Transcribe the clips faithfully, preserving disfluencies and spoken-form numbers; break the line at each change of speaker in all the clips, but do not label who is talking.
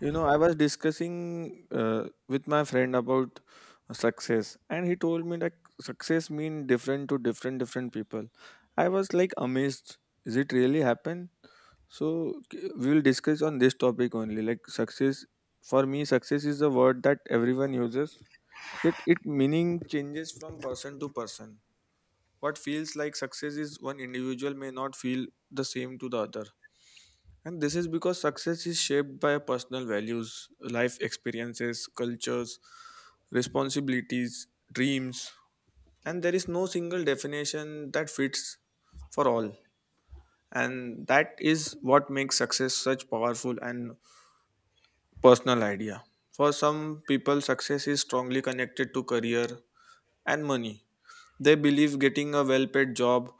You know, I was discussing uh, with my friend about success, and he told me that success mean different to different different people. I was like amazed. Is it really happen? So k- we will discuss on this topic only. Like success, for me, success is a word that everyone uses. Yet it meaning changes from person to person. What feels like success is one individual may not feel the same to the other. And this is because success is shaped by personal values, life experiences, cultures, responsibilities, dreams. And there is no single definition that fits for all. And that is what makes success such powerful and personal idea. For some people, success is strongly connected to career and money. They believe getting a well paid job,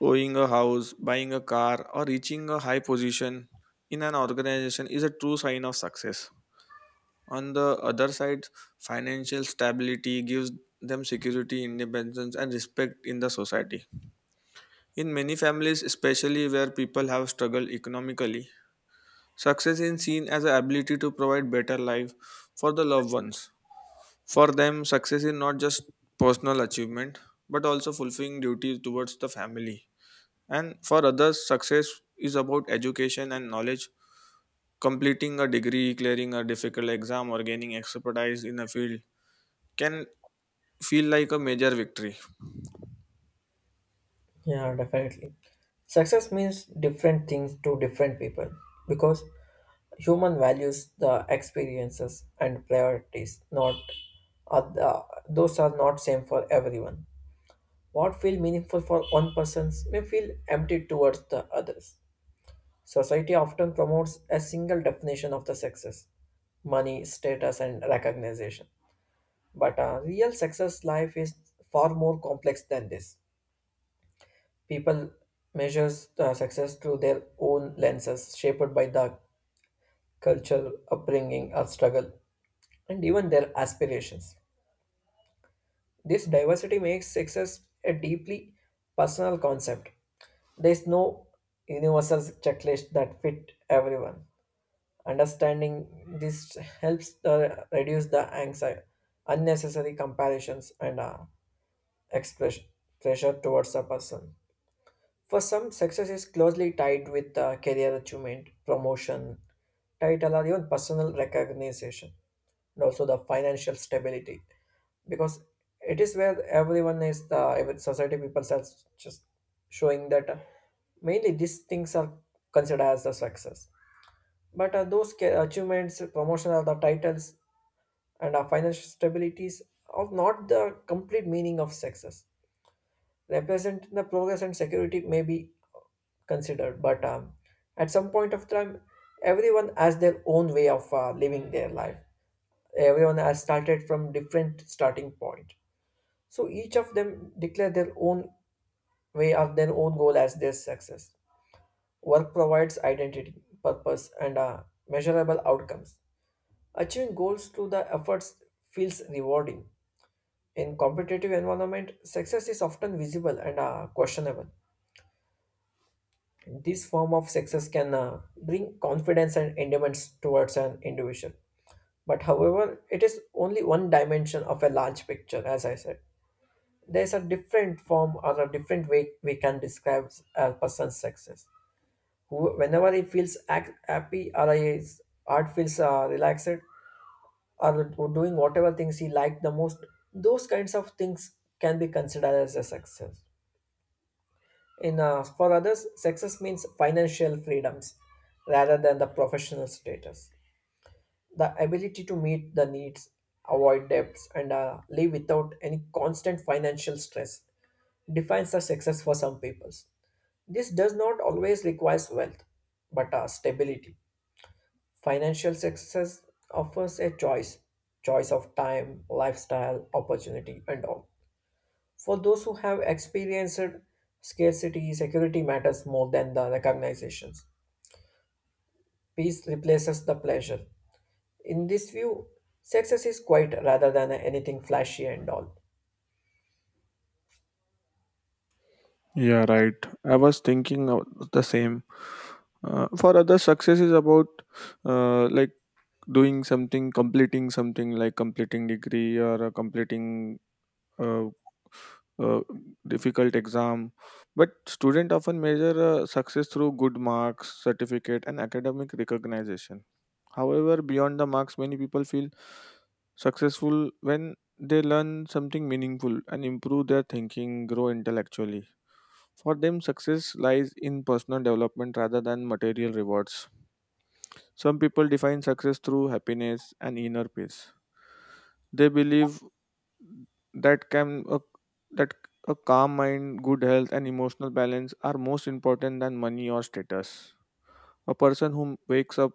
owning a house, buying a car, or reaching a high position in an organization is a true sign of success. On the other side, financial stability gives them security, independence, and respect in the society. In many families, especially where people have struggled economically, success is seen as the ability to provide better life for the loved ones. For them, success is not just personal achievement, but also fulfilling duties towards the family. And for others, success is about education and knowledge. Completing a degree, clearing a difficult exam, or gaining expertise in a field can feel like a major victory.
Yeah, definitely. Success means different things to different people because human values the experiences and priorities not are the, those are not same for everyone. What feel meaningful for one person may feel empty towards the others. Society often promotes a single definition of the success, money, status and recognition. But a real success life is far more complex than this. People measures uh, success through their own lenses, shaped by the culture, upbringing, or struggle, and even their aspirations. This diversity makes success a deeply personal concept. There is no universal checklist that fit everyone. Understanding this helps the, reduce the anxiety, unnecessary comparisons, and uh, express pressure towards a person. For some, success is closely tied with uh, career achievement, promotion, title, or even personal recognition, and also the financial stability. Because it is where everyone is the every society people are just showing that uh, mainly these things are considered as the success. But uh, those ca- achievements, promotion, or the titles and uh, financial stabilities are not the complete meaning of success representing the progress and security may be considered but um, at some point of time everyone has their own way of uh, living their life. Everyone has started from different starting point, so each of them declare their own way or their own goal as their success. Work provides identity, purpose and uh, measurable outcomes. Achieving goals through the efforts feels rewarding. In competitive environment success is often visible and uh, questionable. This form of success can uh, bring confidence and endurance towards an individual. But however, it is only one dimension of a large picture, as I said. There's a different form or a different way we can describe a person's success. Who, whenever he feels ac- happy or his heart feels uh, relaxed or doing whatever things he liked the most, those kinds of things can be considered as a success. In uh, for others, success means financial freedoms rather than the professional status. The ability to meet the needs, avoid debts, and uh, live without any constant financial stress defines the success for some peoples. This does not always require wealth, but uh, stability. Financial success offers a choice, choice of time, lifestyle, opportunity, and all. For those who have experienced scarcity, security matters more than the recognitions. Peace replaces the pleasure. In this view, success is quiet rather than anything flashy and all.
Yeah, right. I was thinking of the same. Uh, for others, success is about uh, like doing something, completing something like completing degree or uh, completing uh, uh, difficult exam. But student often measure uh, success through good marks, certificate, and academic recognition. However, beyond the marks, many people feel successful when they learn something meaningful and improve their thinking, grow intellectually. For them, success lies in personal development rather than material rewards. Some people define success through happiness and inner peace. They believe that can a, that a calm mind, good health, and emotional balance are most important than money or status. A person who wakes up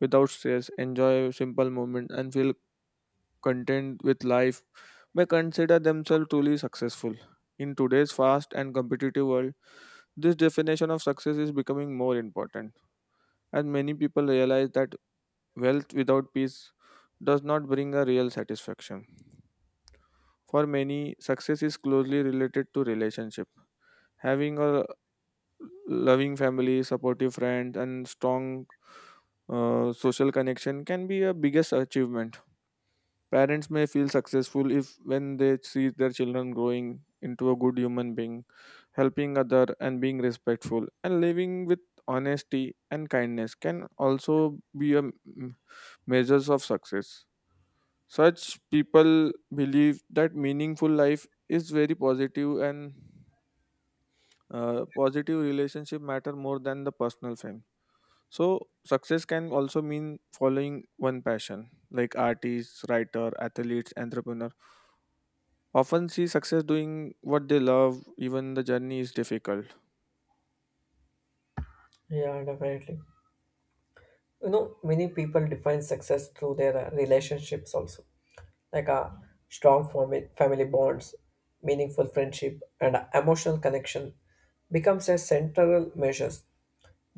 without stress, enjoy simple moments, and feel content with life may consider themselves truly successful. In today's fast and competitive world, this definition of success is becoming more important, as many people realize that wealth without peace does not bring a real satisfaction. For many, success is closely related to relationship. Having a loving family, supportive friends, and strong uh, social connection can be a biggest achievement. Parents may feel successful if when they see their children growing into a good human being, helping other and being respectful and living with honesty and kindness can also be a m- measures of success. Such people believe that meaningful life is very positive and uh, positive relationship matter more than the personal fame. So success can also mean following one passion like artists, writer, athletes, entrepreneurs often see success doing what they love even the journey is difficult.
Yeah, definitely. You know, many people define success through their uh, relationships also, like a strong fami- family bonds, meaningful friendship, and emotional connection becomes a central measures.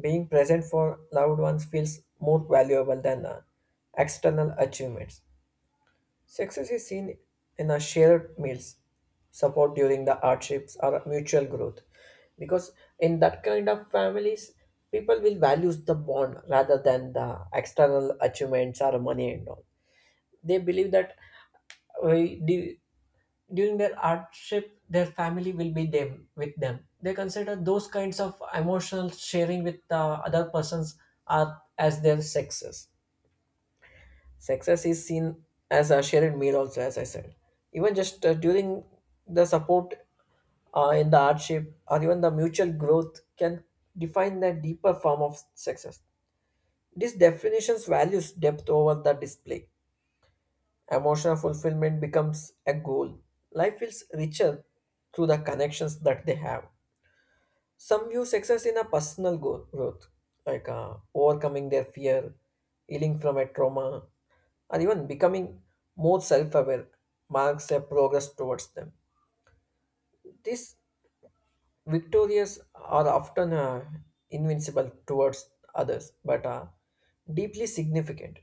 Being present for loved ones feels more valuable than uh, external achievements. Success is seen in a shared meals, support during the hardships, or mutual growth. Because in that kind of families, people will value the bond rather than the external achievements or money and all. They believe that uh, du- during their hardship, their family will be them with them. They consider those kinds of emotional sharing with the other persons are as their success. Success is seen as a shared meal, also as I said. Even just uh, during the support uh, in the hardship or even the mutual growth can define the deeper form of success. These definitions values depth over the display. Emotional fulfillment becomes a goal. Life feels richer through the connections that they have. Some view success in a personal go- growth, like uh, overcoming their fear, healing from a trauma, or even becoming more self aware, marks a progress towards them. These victorious are often uh, invincible towards others, but are deeply significant.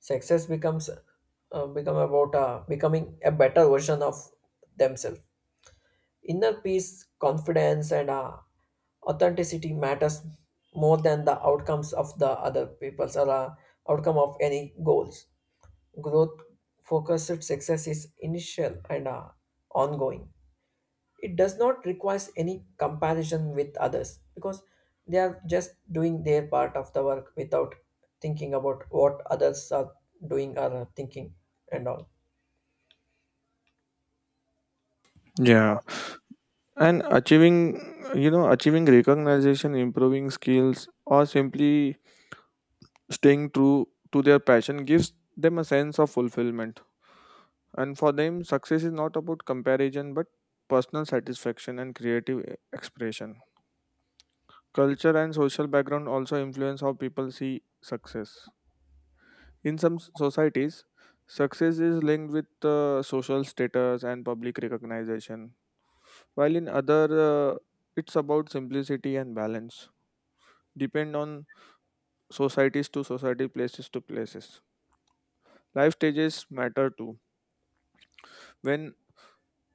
Success becomes uh, become about uh, becoming a better version of themselves. Inner peace, confidence, and uh, authenticity matters more than the outcomes of the other people's or uh, outcome of any goals. Growth focused success is initial and uh, ongoing. It does not require any comparison with others because they are just doing their part of the work without thinking about what others are doing or thinking and all.
Yeah, and achieving, you know, achieving recognition improving skills or simply staying true to their passion gives them a sense of fulfillment. And for them success is not about comparison but personal satisfaction and creative e- expression. Culture and social background also influence how people see success. In some s- societies, success is linked with uh, social status and public recognition, while in other, uh, it's about simplicity and balance. Depend on societies to society, places to places. Life stages matter too. When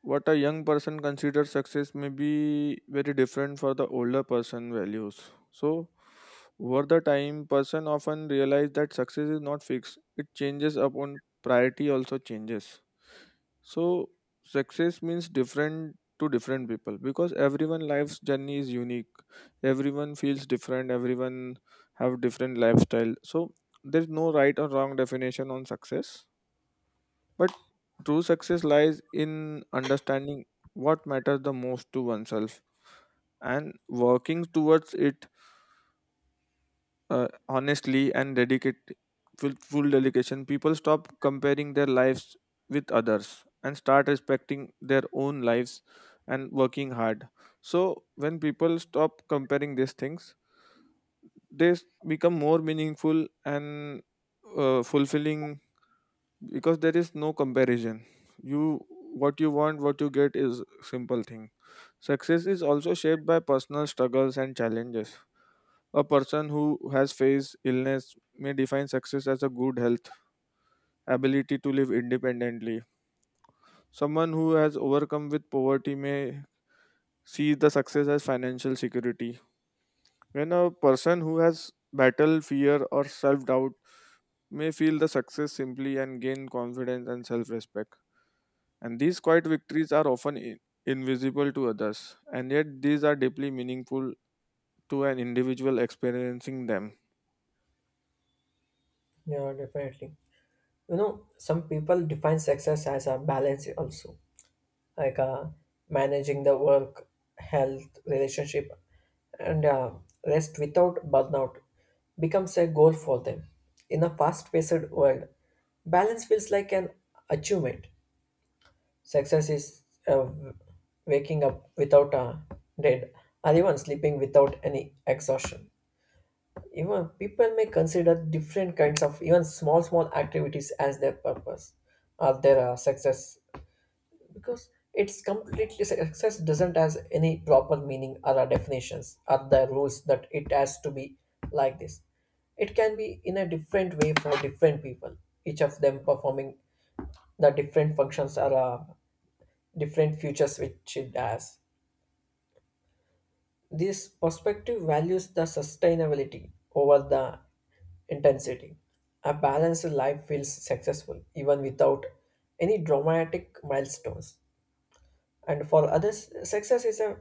what a young person considers success may be very different for the older person values. So over the time person often realize that success is not fixed, it changes upon priority also changes. So success means different to different people because everyone life's journey is unique. Everyone feels different, everyone have different lifestyle. So there's no right or wrong definition on success, but true success lies in understanding what matters the most to oneself and working towards it, uh, honestly and dedicate full, full dedication. People stop comparing their lives with others and start respecting their own lives and working hard. So when people stop comparing these things, they s- become more meaningful and uh, fulfilling, because there is no comparison. You, what you want, what you get, is simple thing. Success is also shaped by personal struggles and challenges. A person who has faced illness may define success as a good health, ability to live independently. Someone who has overcome with poverty may see the success as financial security. When a person who has battled fear or self doubt may feel the success simply and gain confidence and self respect. And these quiet victories are often in- invisible to others, and yet these are deeply meaningful to an individual experiencing them.
Yeah, definitely. You know, some people define success as a balance also, like uh, managing the work, health, relationship and uh, rest without burnout becomes a goal for them. In a fast-paced world balance feels like an achievement. Success is uh, waking up without a dead, or even sleeping without any exhaustion. Even people may consider different kinds of even small small activities as their purpose or their uh, success, because it's completely success doesn't has any proper meaning or uh, definitions or the rules that it has to be like this. It can be in a different way for different people. Each of them performing the different functions or uh, different futures which it has. This perspective values the sustainability over the intensity. A balanced life feels successful even without any dramatic milestones. And for others, success is a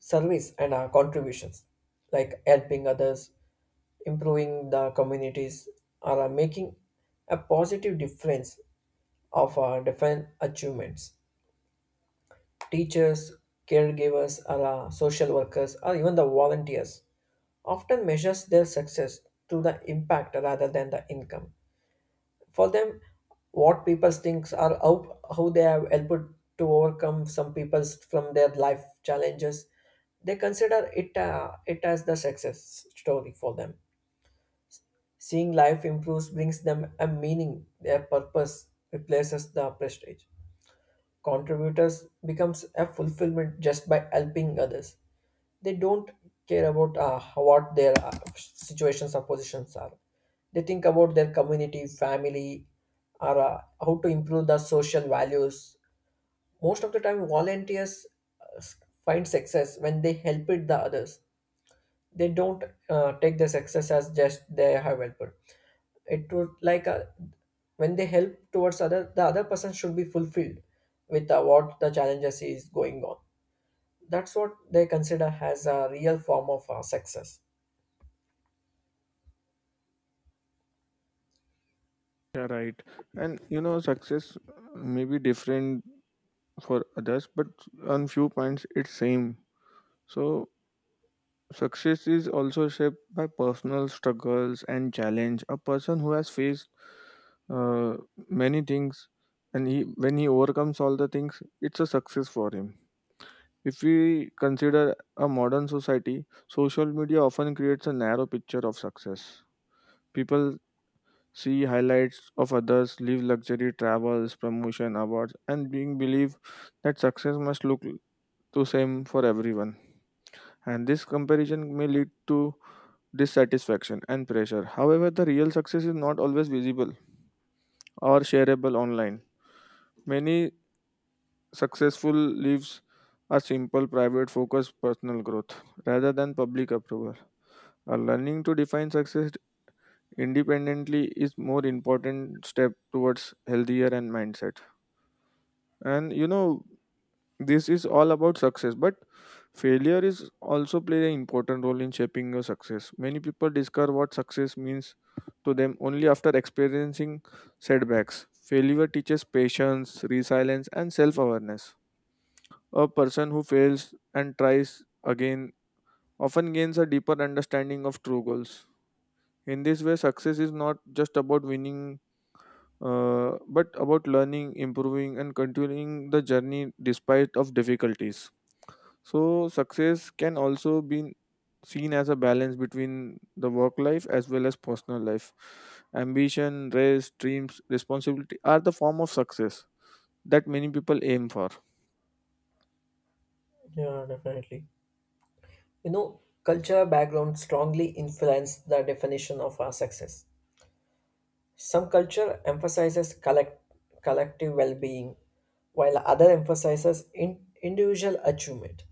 service and our contributions, like helping others, improving the communities, or uh, making a positive difference of our different achievements. Teachers, caregivers, or uh, social workers, or even the volunteers often measures their success to the impact rather than the income. For them, what people think or how, how they have helped to overcome some people's from their life challenges, they consider it uh, it as the success story for them. Seeing life improves brings them a meaning. Their purpose replaces the prestige. Contributors becomes a fulfillment just by helping others. They don't care about uh, what their uh, situations or positions are. They think about their community, family, or uh, how to improve the social values. Most of the time, volunteers uh, s- find success when they help it the others. They don't uh, take the success as just they have helped. It would like uh, when they help towards other, the other person should be fulfilled with uh, what the challenges is going on. That's what they consider as a real form of uh, success.
Yeah, right. And you know, success may be different for others, but on few points it's same. So success is also shaped by personal struggles and challenge. A person who has faced uh, many things, and he when he overcomes all the things, it's a success for him. If we consider a modern society, social media often creates a narrow picture of success. People see highlights of others, live luxury, travels, promotion, awards, and being believe that success must look the same for everyone. And this comparison may lead to dissatisfaction and pressure. However, the real success is not always visible or shareable online. Many successful lives are simple, private, focused personal growth rather than public approval. Uh, learning to define success independently is more important step towards healthier and mindset. And you know, this is all about success but failure is also play an important role in shaping your success. Many people discover what success means to them only after experiencing setbacks. Failure teaches patience, resilience and self-awareness. A person who fails and tries again often gains a deeper understanding of true goals. In this way, success is not just about winning, uh, but about learning, improving, and continuing the journey despite of difficulties. So, success can also be seen as a balance between the work life as well as personal life. Ambition, rest, dreams, responsibility are the form of success that many people aim for.
Yeah, definitely. You know, culture background strongly influence the definition of our success. Some culture emphasizes collect, collective well-being, while other emphasizes in, individual achievement.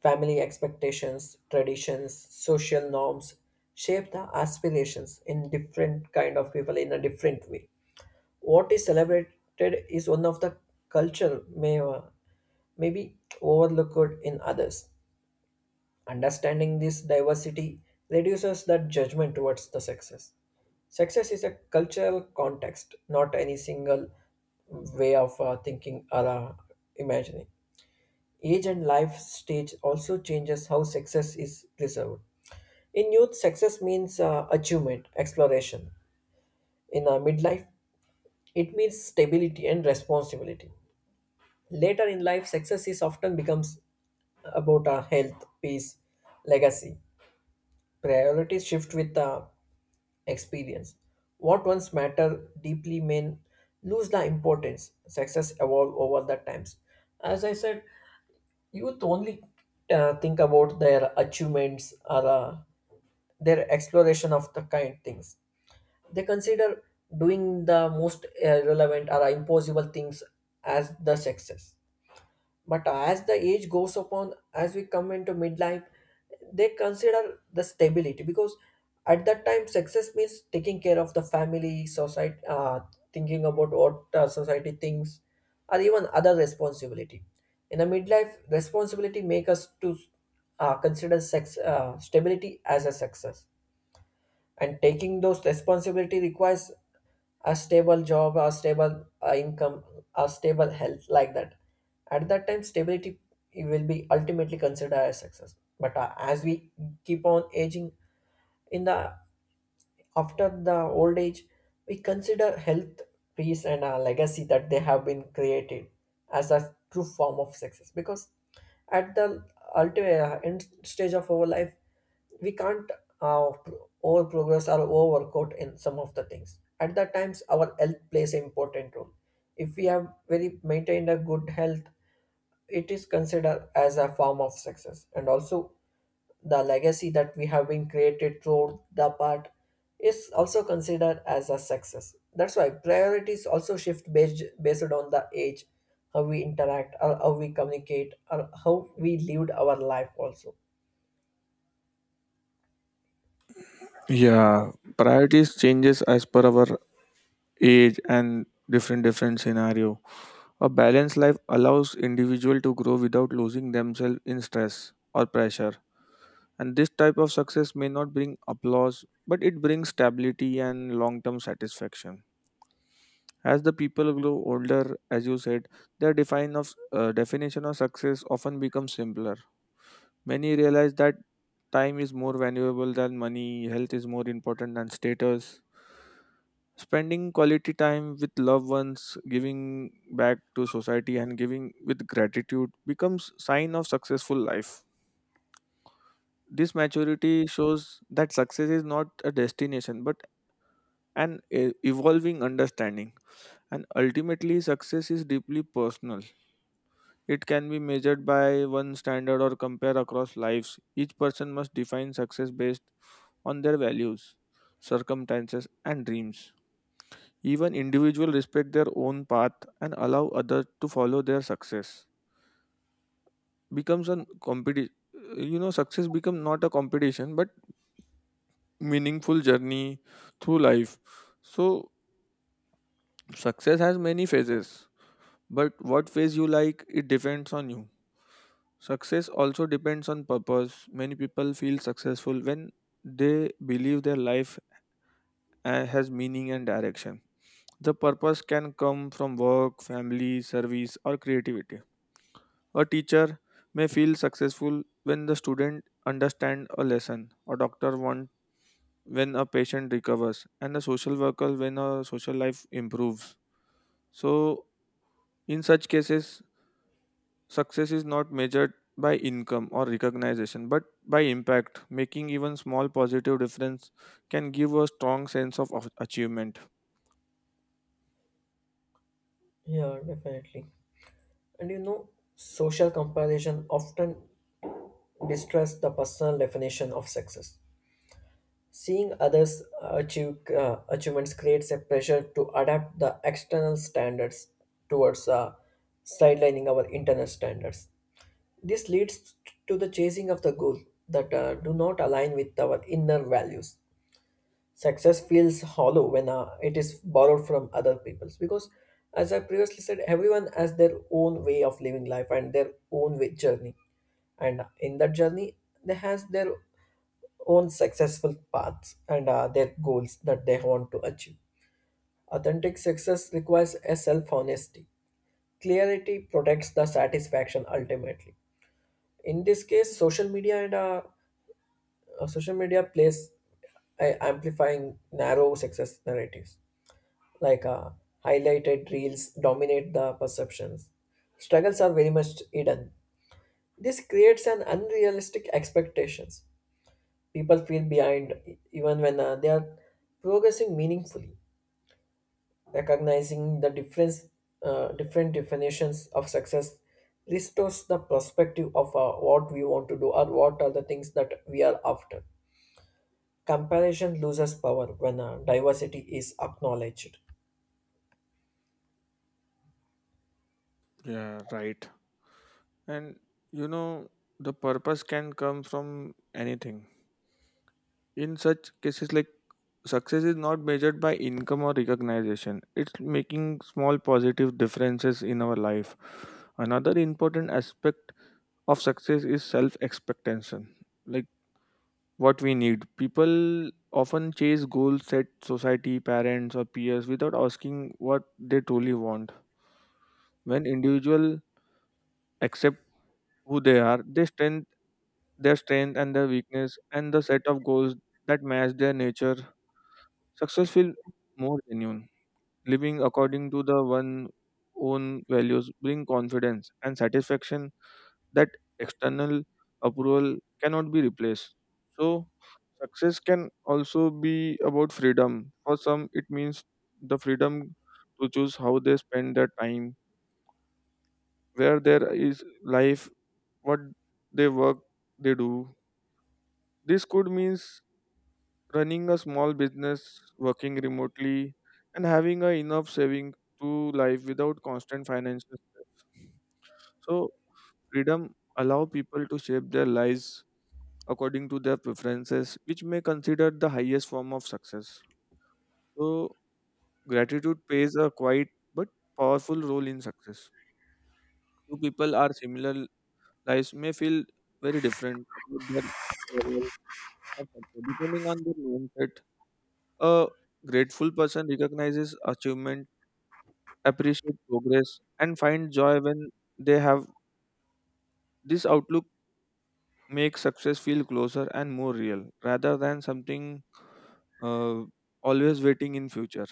Family expectations, traditions, social norms shape the aspirations in different kind of people in a different way. What is celebrated is one of the culture may uh, may be overlooked in others. Understanding this diversity reduces that judgment towards the success. Success is a cultural context, not any single way of uh, thinking or uh, imagining. Age and life stage also changes how success is preserved. In youth, success means uh, achievement, exploration. In uh, midlife, it means stability and responsibility. Later in life, success is often becomes about uh, health, peace, legacy. Priorities shift with uh, experience. What once matter deeply may lose the importance. Success evolve over the times. As I said, youth only uh, think about their achievements or uh, their exploration of the kind things. They consider doing the most irrelevant or impossible things as the success. But as the age goes upon, as we come into midlife, they consider the stability, because at that time success means taking care of the family, society, uh, thinking about what uh, society thinks, or even other responsibility. In a midlife, responsibility make us to uh, consider sex uh, stability as a success, and taking those responsibility requires a stable job, a stable uh, income, a stable health, like that. At that time, stability will be ultimately considered as success. But uh, as we keep on aging, in the after the old age, we consider health, peace, and a legacy that they have been created as a true form of success. Because at the ultimate uh, end stage of our life, we can't uh, pro- over progress or overworkout in some of the things. At that times, our health plays an important role. If we have very maintained a good health, it is considered as a form of success. And also, the legacy that we have been created throughout the part is also considered as a success. That's why priorities also shift based based on the age, how we interact, or how we communicate, or how we lived our life also.
Yeah, priorities changes as per our age and different different scenario. A balanced life allows individual to grow without losing themselves in stress or pressure. And this type of success may not bring applause, but it brings stability and long-term satisfaction. As the people grow older, as you said, their define of uh, definition of success often becomes simpler. Many realize that time is more valuable than money, health is more important than status. Spending quality time with loved ones, giving back to society and giving with gratitude becomes sign of successful life. This maturity shows that success is not a destination but an e- evolving understanding, and ultimately success is deeply personal. It can be measured by one standard or compare across lives. Each person must define success based on their values, circumstances, and dreams. Even individuals respect their own path and allow others to follow their success. Becomes a competition. You know, success become not a competition but meaningful journey through life. So, success has many phases. But what phase you like, it depends on you. Success also depends on purpose. Many people feel successful when they believe their life uh, has meaning and direction. The purpose can come from work, family, service, or creativity. A teacher may feel successful when the student understand a lesson. A doctor want when a patient recovers, and a social worker when a social life improves. So, in such cases, success is not measured by income or recognition, but by impact. Making even small positive difference can give a strong sense of of achievement.
Yeah, definitely. And you know, social comparison often distress the personal definition of success. Seeing others achieve uh, achievements creates a pressure to adapt the external standards towards uh, sidelining our internal standards. This leads to the chasing of the goal that uh, do not align with our inner values. Success feels hollow when uh, it is borrowed from other people's, because, as I previously said, everyone has their own way of living life and their own way journey, and uh, in that journey they has their own successful paths and uh, their goals that they want to achieve. Authentic success requires a self-honesty. Clarity protects the satisfaction ultimately. In this case social media and uh, uh, social media plays uh, amplifying narrow success narratives, like uh, highlighted reels dominate the perceptions. Struggles are very much hidden. This creates an unrealistic expectations. People feel behind e- even when uh, they are progressing meaningfully. Recognizing the difference uh, different definitions of success restores the perspective of uh, what we want to do or what are the things that we are after. Comparison loses power when uh, diversity is acknowledged.
Yeah, right. And you know, the purpose can come from anything. In such cases, like success is not measured by income or recognition. It's making small positive differences in our life. Another important aspect of success is self expectation. Like what we need. People often chase goals set society, parents, or peers without asking what they truly want. When individuals accept who they are, they strength their strength and their weakness and the set of goals that match their nature, success feel more genuine. Living according to the one own values bring confidence and satisfaction that external approval cannot be replaced. So, success can also be about freedom. For some, it means the freedom to choose how they spend their time, where there is life, what they work, they do. This could means running a small business, working remotely, and having a enough saving to life without constant financial stress. So freedom allow people to shape their lives according to their preferences, which may consider the highest form of success. So, gratitude plays a quiet but powerful role in success. Two people are similar lives may feel very different about their level of success, depending on their mindset. A grateful person recognizes achievement, appreciates progress, and finds joy when they have this outlook. Makes success feel closer and more real rather than something uh, always waiting in future.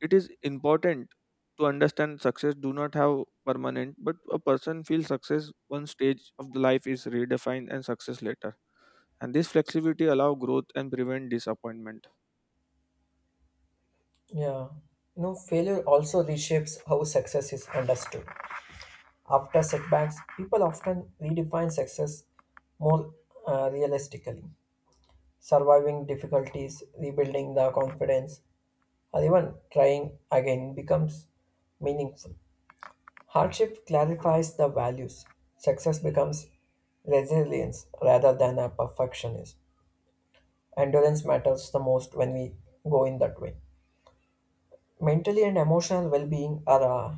It is important to understand success do not have permanent, but a person feels success one stage of the life is redefined and success later. And this flexibility allow growth and prevent disappointment.
Yeah. You know, failure also reshapes how success is understood. After setbacks people often redefine success more uh, realistically. Surviving difficulties, rebuilding the confidence, or even trying again becomes meaningful. Hardship clarifies the values. Success becomes resilience rather than a perfectionist. Endurance matters the most when we go in that way. Mentally and emotional well being are uh,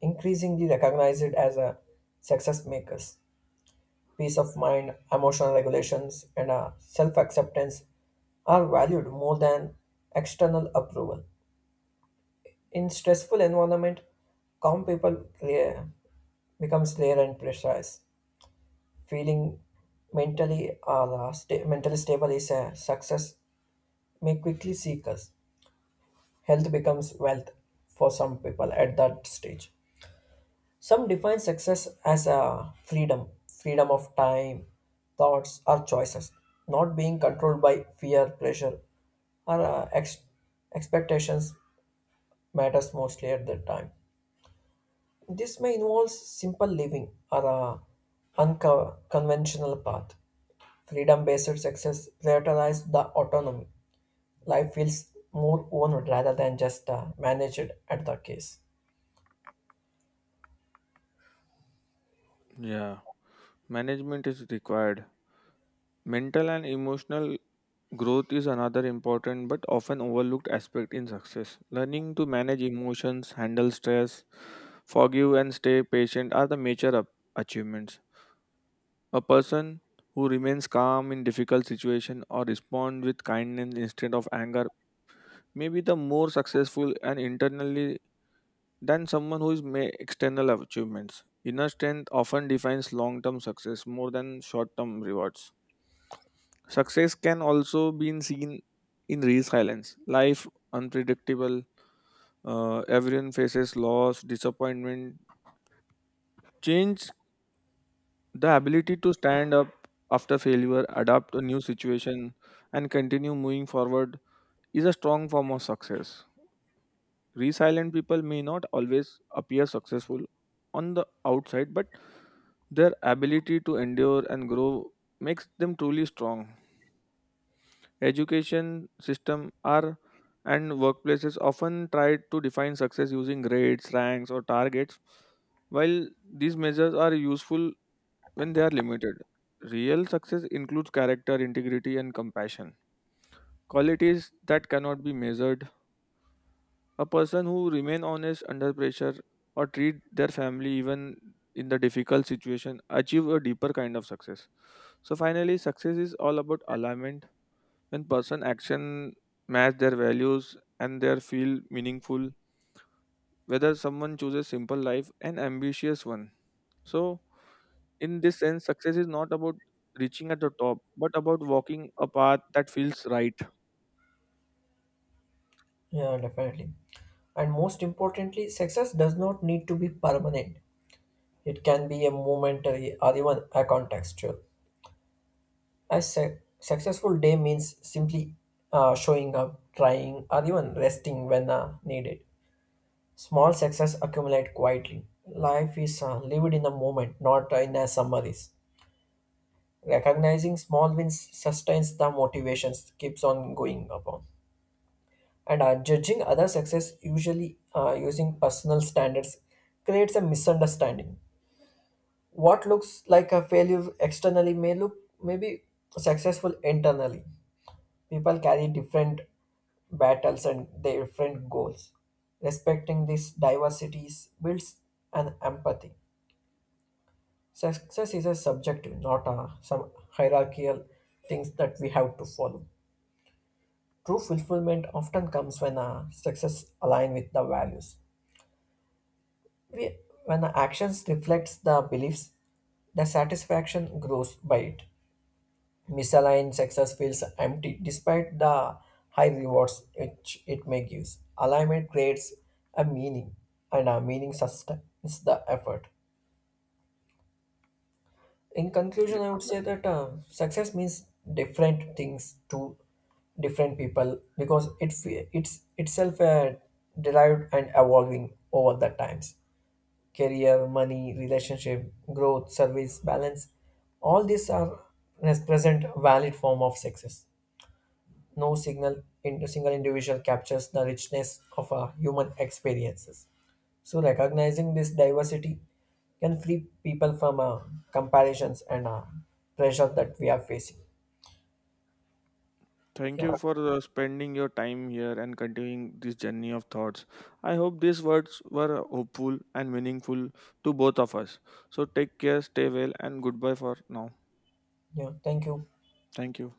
increasingly recognized as a success makers. Peace of mind, emotional regulations, and self acceptance are valued more than external approval. In stressful environment, calm people clear, becomes clear and precise. Feeling mentally or uh, sta- mentally stable is a success may quickly seek us. Health becomes wealth for some people at that stage. Some define success as a freedom, freedom of time, thoughts, or choices, not being controlled by fear, pressure, or uh, ex- expectations matters mostly at that time. This may involve simple living or a unconventional path. Freedom based success prioritizes the autonomy. Life feels more owned rather than just uh, managed at the case.
Yeah, management is required. Mental and emotional growth is another important but often overlooked aspect in success. Learning to manage emotions, handle stress, forgive and stay patient are the major up- achievements. A person who remains calm in difficult situation or respond with kindness instead of anger may be the more successful and internally than someone who is may external achievements. Inner strength often defines long-term success more than short-term rewards. Success can also be seen in resilience. Life unpredictable. Uh, everyone faces loss, disappointment, change. The ability to stand up after failure, adapt to new situation, and continue moving forward is a strong form of success. Resilient people may not always appear successful on the outside, but their ability to endure and grow makes them truly strong. Education system are and workplaces often try to define success using grades, ranks, or targets. While these measures are useful when they are limited. Real success includes character, integrity, and compassion. Qualities that cannot be measured. A person who remain honest under pressure or treat their family even in the difficult situation achieve a deeper kind of success. So finally, success is all about alignment. When person action match their values and their feel meaningful, whether someone chooses simple life and ambitious one. So, in this sense, success is not about reaching at the top, but about walking a path that feels right.
Yeah, definitely. And most importantly, success does not need to be permanent. It can be a momentary or even a contextual. A su- successful day means simply uh, showing up, trying, or even resting when uh, needed. Small success accumulate quietly. Life is uh, lived in the moment, not uh, in a summaries. Recognizing small wins sustains the motivations, keeps on going upon. And uh, judging other success, usually uh, using personal standards, creates a misunderstanding. What looks like a failure externally may look maybe successful internally. People carry different battles and different goals. Respecting these diversities builds an empathy. Success is a subjective, not a, some hierarchical things that we have to follow. True fulfillment often comes when a success aligns with the values. We, when the actions reflects the beliefs, the satisfaction grows by it. Misaligned success feels empty despite the high rewards which it may give. Alignment creates a meaning, and a meaning sustains the effort. In conclusion,
Yeah.
I would say that uh, success means different things to different people because it fe- it's itself uh, derived and evolving over the times. Career, money, relationship, growth, service, balance, all these are present valid form of success. No signal in single individual captures the richness of a human experiences. So recognizing this diversity can free people from uh, comparisons and uh, pressure that we are facing.
Thank
Yeah,
you for uh, spending your time here and continuing this journey of thoughts. I hope these words were hopeful and meaningful to both of us. So, take care, stay well, and goodbye for now.
yeah. Thank you.
Thank you.